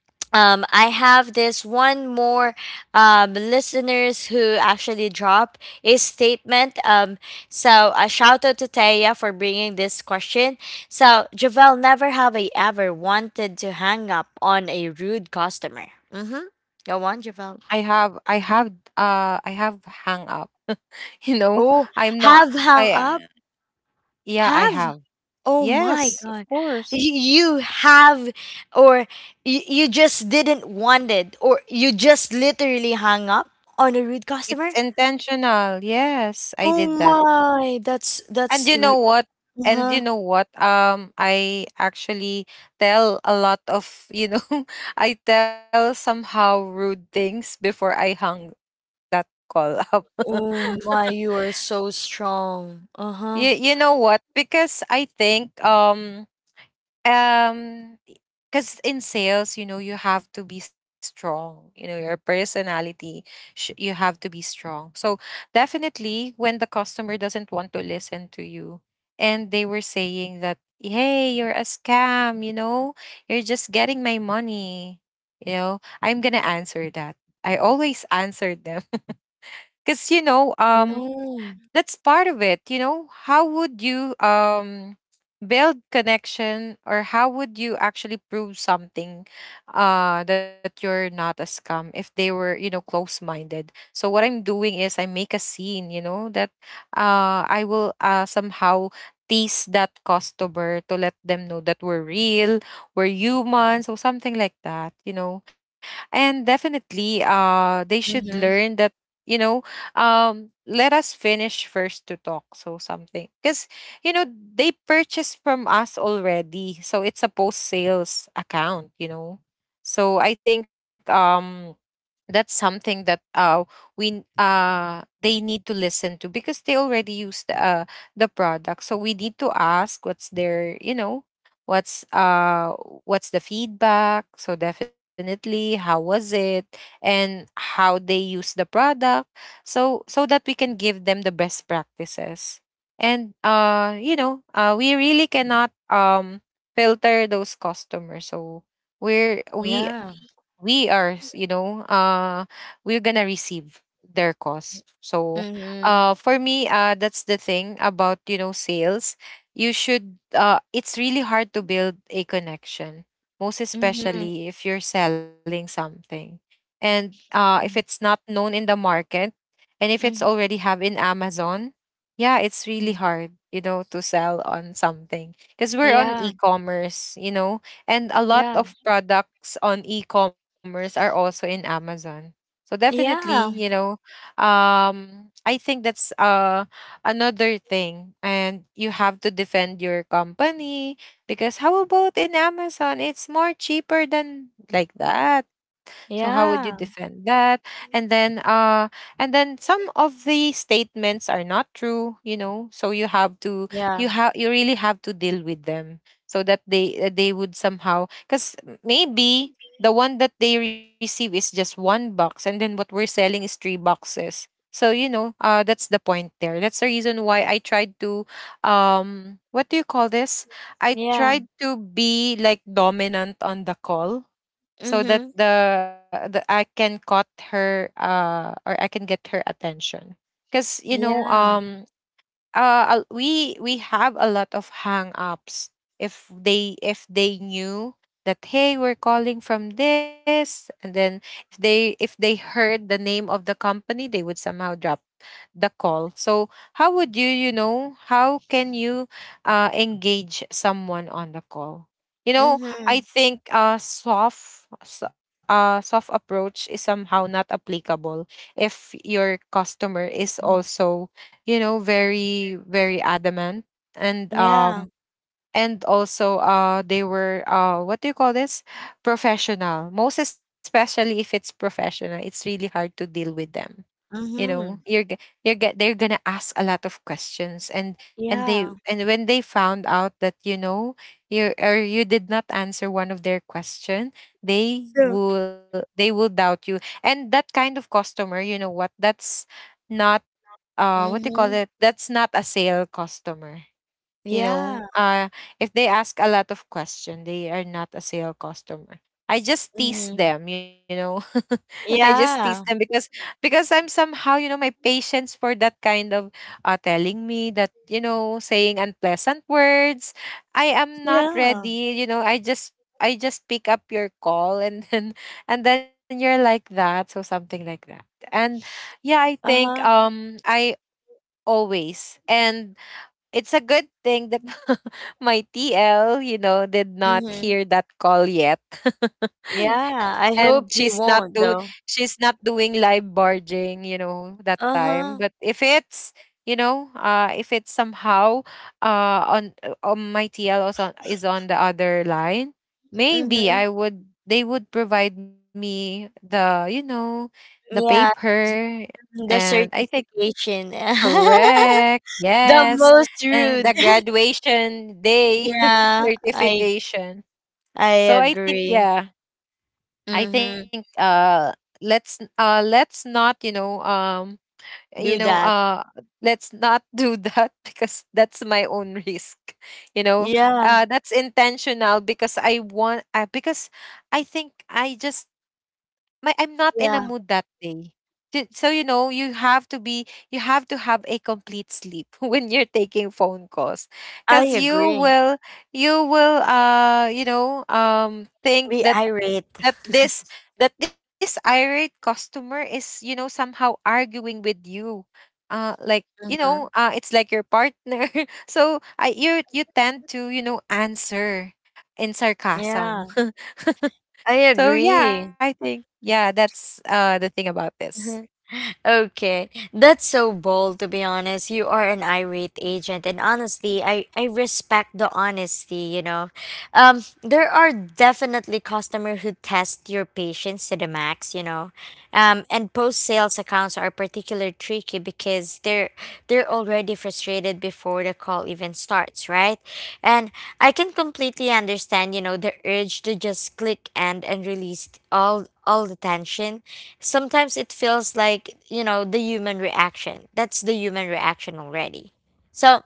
I have this one more, listeners who actually drop a statement. So a shout out to Taya for bringing this question. So Javel, never have I ever wanted to hang up on a rude customer. Mm-hmm. Go on,
I
Javel.
have I have I have hang up. You know,
Oh,
I'm not,
have
I
hung up.
yeah, I
Have
have.
Oh my
Yes, of
God.
course.
You have, or you just didn't want it, or you just literally hung up on a rude
It's
customer?
intentional. Yes, I
Oh
did that.
my, that's,
And
that's,
you know
r-
what? And you
Uh-huh.
know what? I actually tell a lot of, you know, I tell somehow rude things before I hung that call up.
Oh my, you are so strong.
you
Uh-huh.
you know what? Because I think um because in sales, you know, you have to be strong, you know, your personality you have to be strong. So definitely when the customer doesn't want to listen to you and they were saying that, hey, you're a scam, you know, you're just getting my money, you know, I'm gonna answer that. I always answered them. Because you know
Oh,
that's part of it. You know, how would you build connection? Or how would you actually prove something that you're not a scam if they were, you know, close-minded? So what I'm doing is I make a scene, you know, that I will somehow tease that customer to let them know that we're real, we're human, so something like that, you know. And definitely they should
mm-hmm.
learn that, you know, let us finish first to talk, so something, because you know, they purchased from us already, so it's a post sales account, you know. So I think that's something that they need to listen to because they already used the product. So we need to ask what's their, you know, what's uh what's the feedback. So definitely how was it and how they use the product, so so that we can give them the best practices. And you know we really cannot filter those customers. So we're we
Yeah.
we are, you know, we're gonna receive their costs. So
Mm-hmm.
for me that's the thing about, you know, sales. You should, it's really hard to build a connection, most
Mm-hmm.
especially if you're selling something, and if it's not known in the market, and if it's
Mm-hmm.
already have in Amazon, yeah, it's really hard, you know, to sell on something because we're on
Yeah.
e-commerce, you know, and a lot
Yeah.
of products on e-commerce are also in Amazon. So definitely, you
Yeah.
know, I think that's another thing, and you have to defend your company because how about in Amazon it's more cheaper than like that. So how would you
Yeah.
defend that? And then uh and then some of the statements are not true, you know. So you have to,
Yeah.
you really have to deal with them so that they, they would somehow, cuz maybe the one that they receive is just one box, and then what we're selling is three boxes. So you know, that's the point there. That's the reason why I tried to, what do you call this? I
Yeah.
tried to be like dominant on the call so that
Mm-hmm.
the I can caught her or I can get her attention. Cause you know,
Yeah.
we have a lot of hang-ups if they, if they knew that, hey, we're calling from this, and then if they, if they heard the name of the company, they would somehow drop the call. So how would you, you know, how can you engage someone on the call, you know? I
Mm-hmm.
think a soft soft approach is somehow not applicable if your customer is also, you know, very very adamant, and
Yeah.
um and also they were, what do you call this, professional. Most especially if it's professional, it's really hard to deal with them, you know.
Mhm.
You're g- you're g- they're gonna ask a lot of questions, and they,
Yeah.
and when they found out that, you know, you or you did not answer one of their question, they
So
will, they will doubt you, and that kind of customer, you know what, that's not, what do you call
Mhm.
it, that's not a sale customer, you
Yeah.
know. If they ask a lot of question, they are not a sale customer. I just tease
Mhm.
them, you know. I just tease them
Yeah.
because I'm somehow, you know, my patience for that kind of, telling me that, you know, saying unpleasant words, I am not
Yeah.
ready, you know. I just pick up your call and then and then you're like that, so something like that. And yeah, I think
Uh-huh.
I always. And it's a good thing that my TL, you know, did not
Mhm.
hear that call yet.
Yeah, I
And
hope he won't though.
she's not doing live barging, you know, that time.
Uh-huh.
But if it's, you know, if it's somehow on my TL, also is on the other line, maybe
Mhm.
I would, they would provide me the, you know, the
Yeah.
paper.
The
And I think
certification.
Correct.
The
Yes.
most
And
rude.
the graduation day
Yeah, I
certification.
I
So I think
agree.
yeah, I think
Mhm.
let's not, you
Do
know,
that.
let's not do that because that's my own risk. You know,
Yeah.
that's intentional because I want, because I think I just, my I'm not in a mood
Yeah.
that day. So you know, you have to be, you have to have a complete sleep when you're taking phone calls,
I
cuz you
agree.
will, you know, think
Be
that
irate.
that this that this irate customer is, you know, somehow arguing with you. Like you know,
Mhm.
it's like your partner. So I, you tend to, you know, answer in sarcasm.
Yeah. I
So yeah, I
agree.
think yeah, that's the thing about this.
Okay, that's so bold to be honest. You are an irate agent, and honestly, I respect the honesty. There are definitely customers who test your patience to the max. And post sales accounts are particularly tricky because they're already frustrated before the call even starts, right? And I can completely understand. You know, the urge to just click end and release all the tension. Sometimes it feels like, you know, the human reaction. That's the human reaction already. So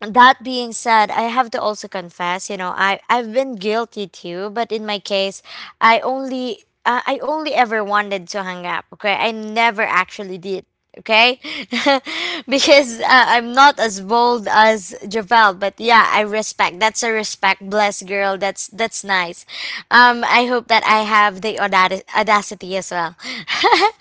that being said, I have to also confess, you know, I I've been guilty too, but in my case, I only ever wanted to hang up. Okay, I never actually did. Okay, because I'm not as bold as Javel, but yeah, I respect. That's a respect, bless girl. That's nice. I hope that I have the audacity as well.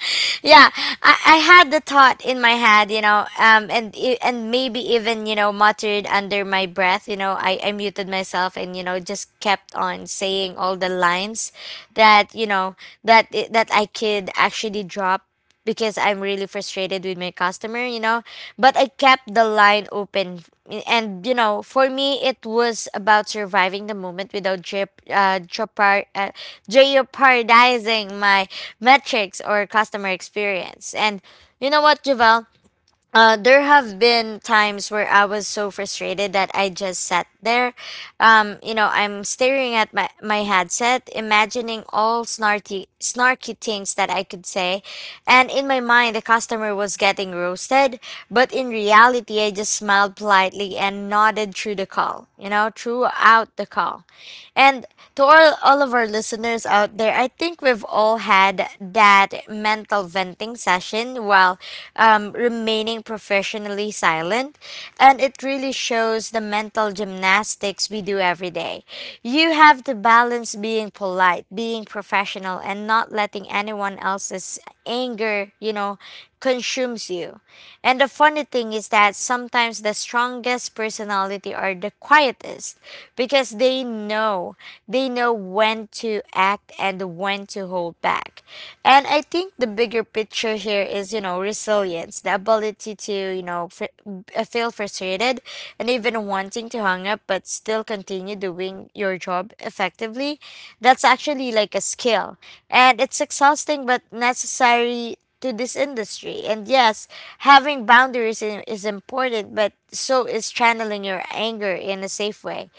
Yeah, I had the thought in my head, you know, and maybe even, you know, muttered under my breath, you know, I muted myself, and you know, just kept on saying all the lines that I could actually drop because I'm really frustrated with my customer, you know. But I kept the line open. And, you know, for me, it was about surviving the moment without jeopardizing my metrics or customer experience. And you know what, Javel? There have been times where I was so frustrated that I just sat there. You know, I'm staring at my, my headset, imagining all snarky things that I could say. And in my mind, the customer was getting roasted, but in reality, I just smiled politely and nodded through the call, you know, throughout the call. And to all of our listeners out there, I think we've all had that mental emotional venting session while remaining professionally silent. And it really shows the mental gymnastics we do every day. You have to balance being polite, being professional, and not letting anyone else's anger, you know, consumes you. And the funny thing is that sometimes the strongest personality are the quietest because they know when to act and when to hold back. And I think the bigger picture here is, you know, resilience, the ability to, you know, feel frustrated and even wanting to hang up but still continue doing your job effectively. That's actually like a skill. And it's exhausting but necessary to this industry. And yes, having boundaries is important, but so is channeling your anger in a safe way.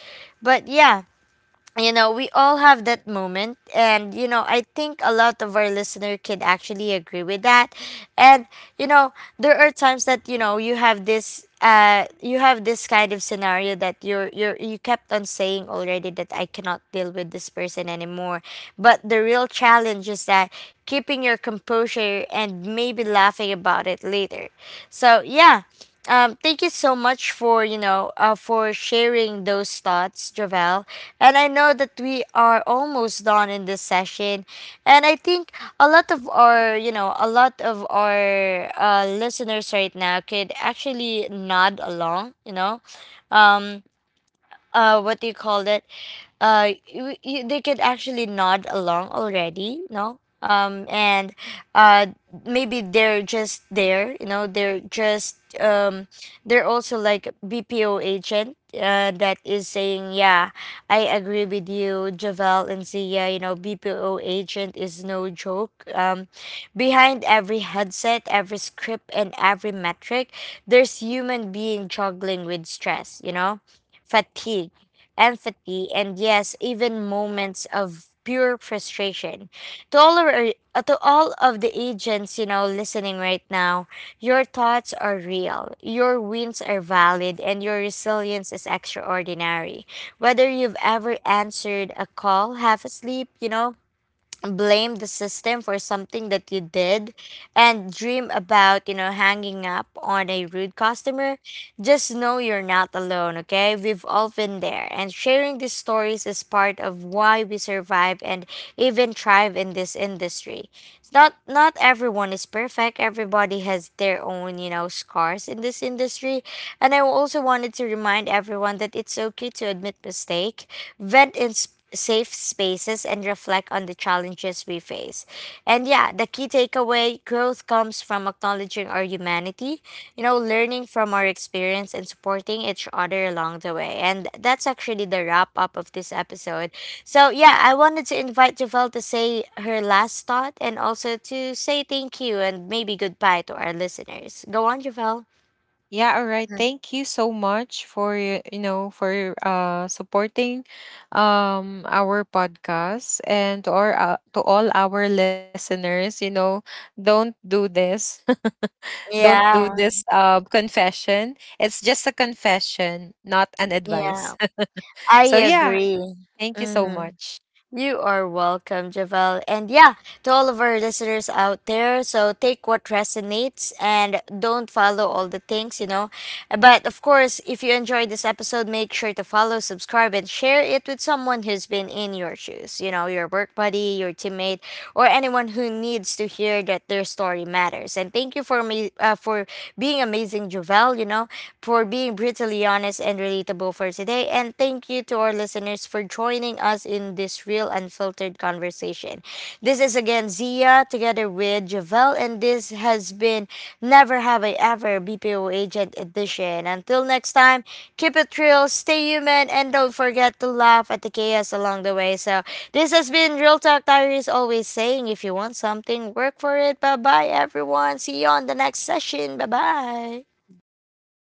But yeah, you know, we all have that moment, and you know, I think a lot of our listener can actually agree with that. And, you know, there are times that, you know, you have this kind of scenario that you kept on saying already that I cannot deal with this person anymore, but the real challenge is that keeping your composure and maybe laughing about it later. So yeah, thank you so much for, you know, for sharing those thoughts, Javel. And I know that we are almost done in this session, and I think a lot of our, listeners right now could actually nod along. You know, what do you call it? Uh, they could actually nod along already, no, um, and uh, maybe they're just there, you know, they're just um, they're also like bpo agent, that is saying yeah, I agree with you, Javel and Zia. You know, bpo agent is no joke. Um, behind every headset, every script, and every metric, there's human being juggling with stress, you know, fatigue, empathy, and yes, even moments of pure frustration. To all of the agents, you know, listening right now, your thoughts are real, your wins are valid, and your resilience is extraordinary. Whether you've ever answered a call half asleep, you know, blame the system for something that you did and dream about, you know, hanging up on a rude customer, just know you're not alone. Okay, we've all been there, and sharing these stories is part of why we survive and even thrive in this industry. Not everyone is perfect, everybody has their own, you know, scars in this industry. And I also wanted to remind everyone that it's okay to admit mistake, vent inspired safe spaces, and reflect on the challenges we face. And yeah, the key takeaway, growth comes from acknowledging our humanity, you know, learning from our experience and supporting each other along the way. And that's actually the wrap up of this episode. So yeah, I wanted to invite Javel to say her last thought and also to say thank you and maybe goodbye to our listeners. Go on, Javel.
Yeah, all right.
Mhm.
Thank you so much for you know for supporting our podcast, and to our, to all our listeners, you know, don't do this. Don't do
Yeah,
this confession. It's just a confession, not an
yeah,
advice.
I
So yeah,
agree.
thank you so
Hmm.
much.
You are welcome, Javel. And yeah, to all of our listeners out there, so take what resonates and don't follow all the things, you know. But of course, if you enjoyed this episode, make sure to follow, subscribe, and share it with someone who's been in your shoes, you know, your work buddy, your teammate, or anyone who needs to hear that their story matters. And thank you for me, for being amazing, Javel. You know, for being brutally honest and relatable for today. And thank you to our listeners for joining us in this real, unfiltered conversation. This is again Zia together with Javel, and this has been Never Have I Ever BPO Agent Edition. Until next time, keep it real, stay human, and don't forget to laugh at the chaos along the way. So, this has been Real Talk Diary is always saying if you want something, work for it. Bye bye, everyone. See you on the next session. Bye bye.
Bye.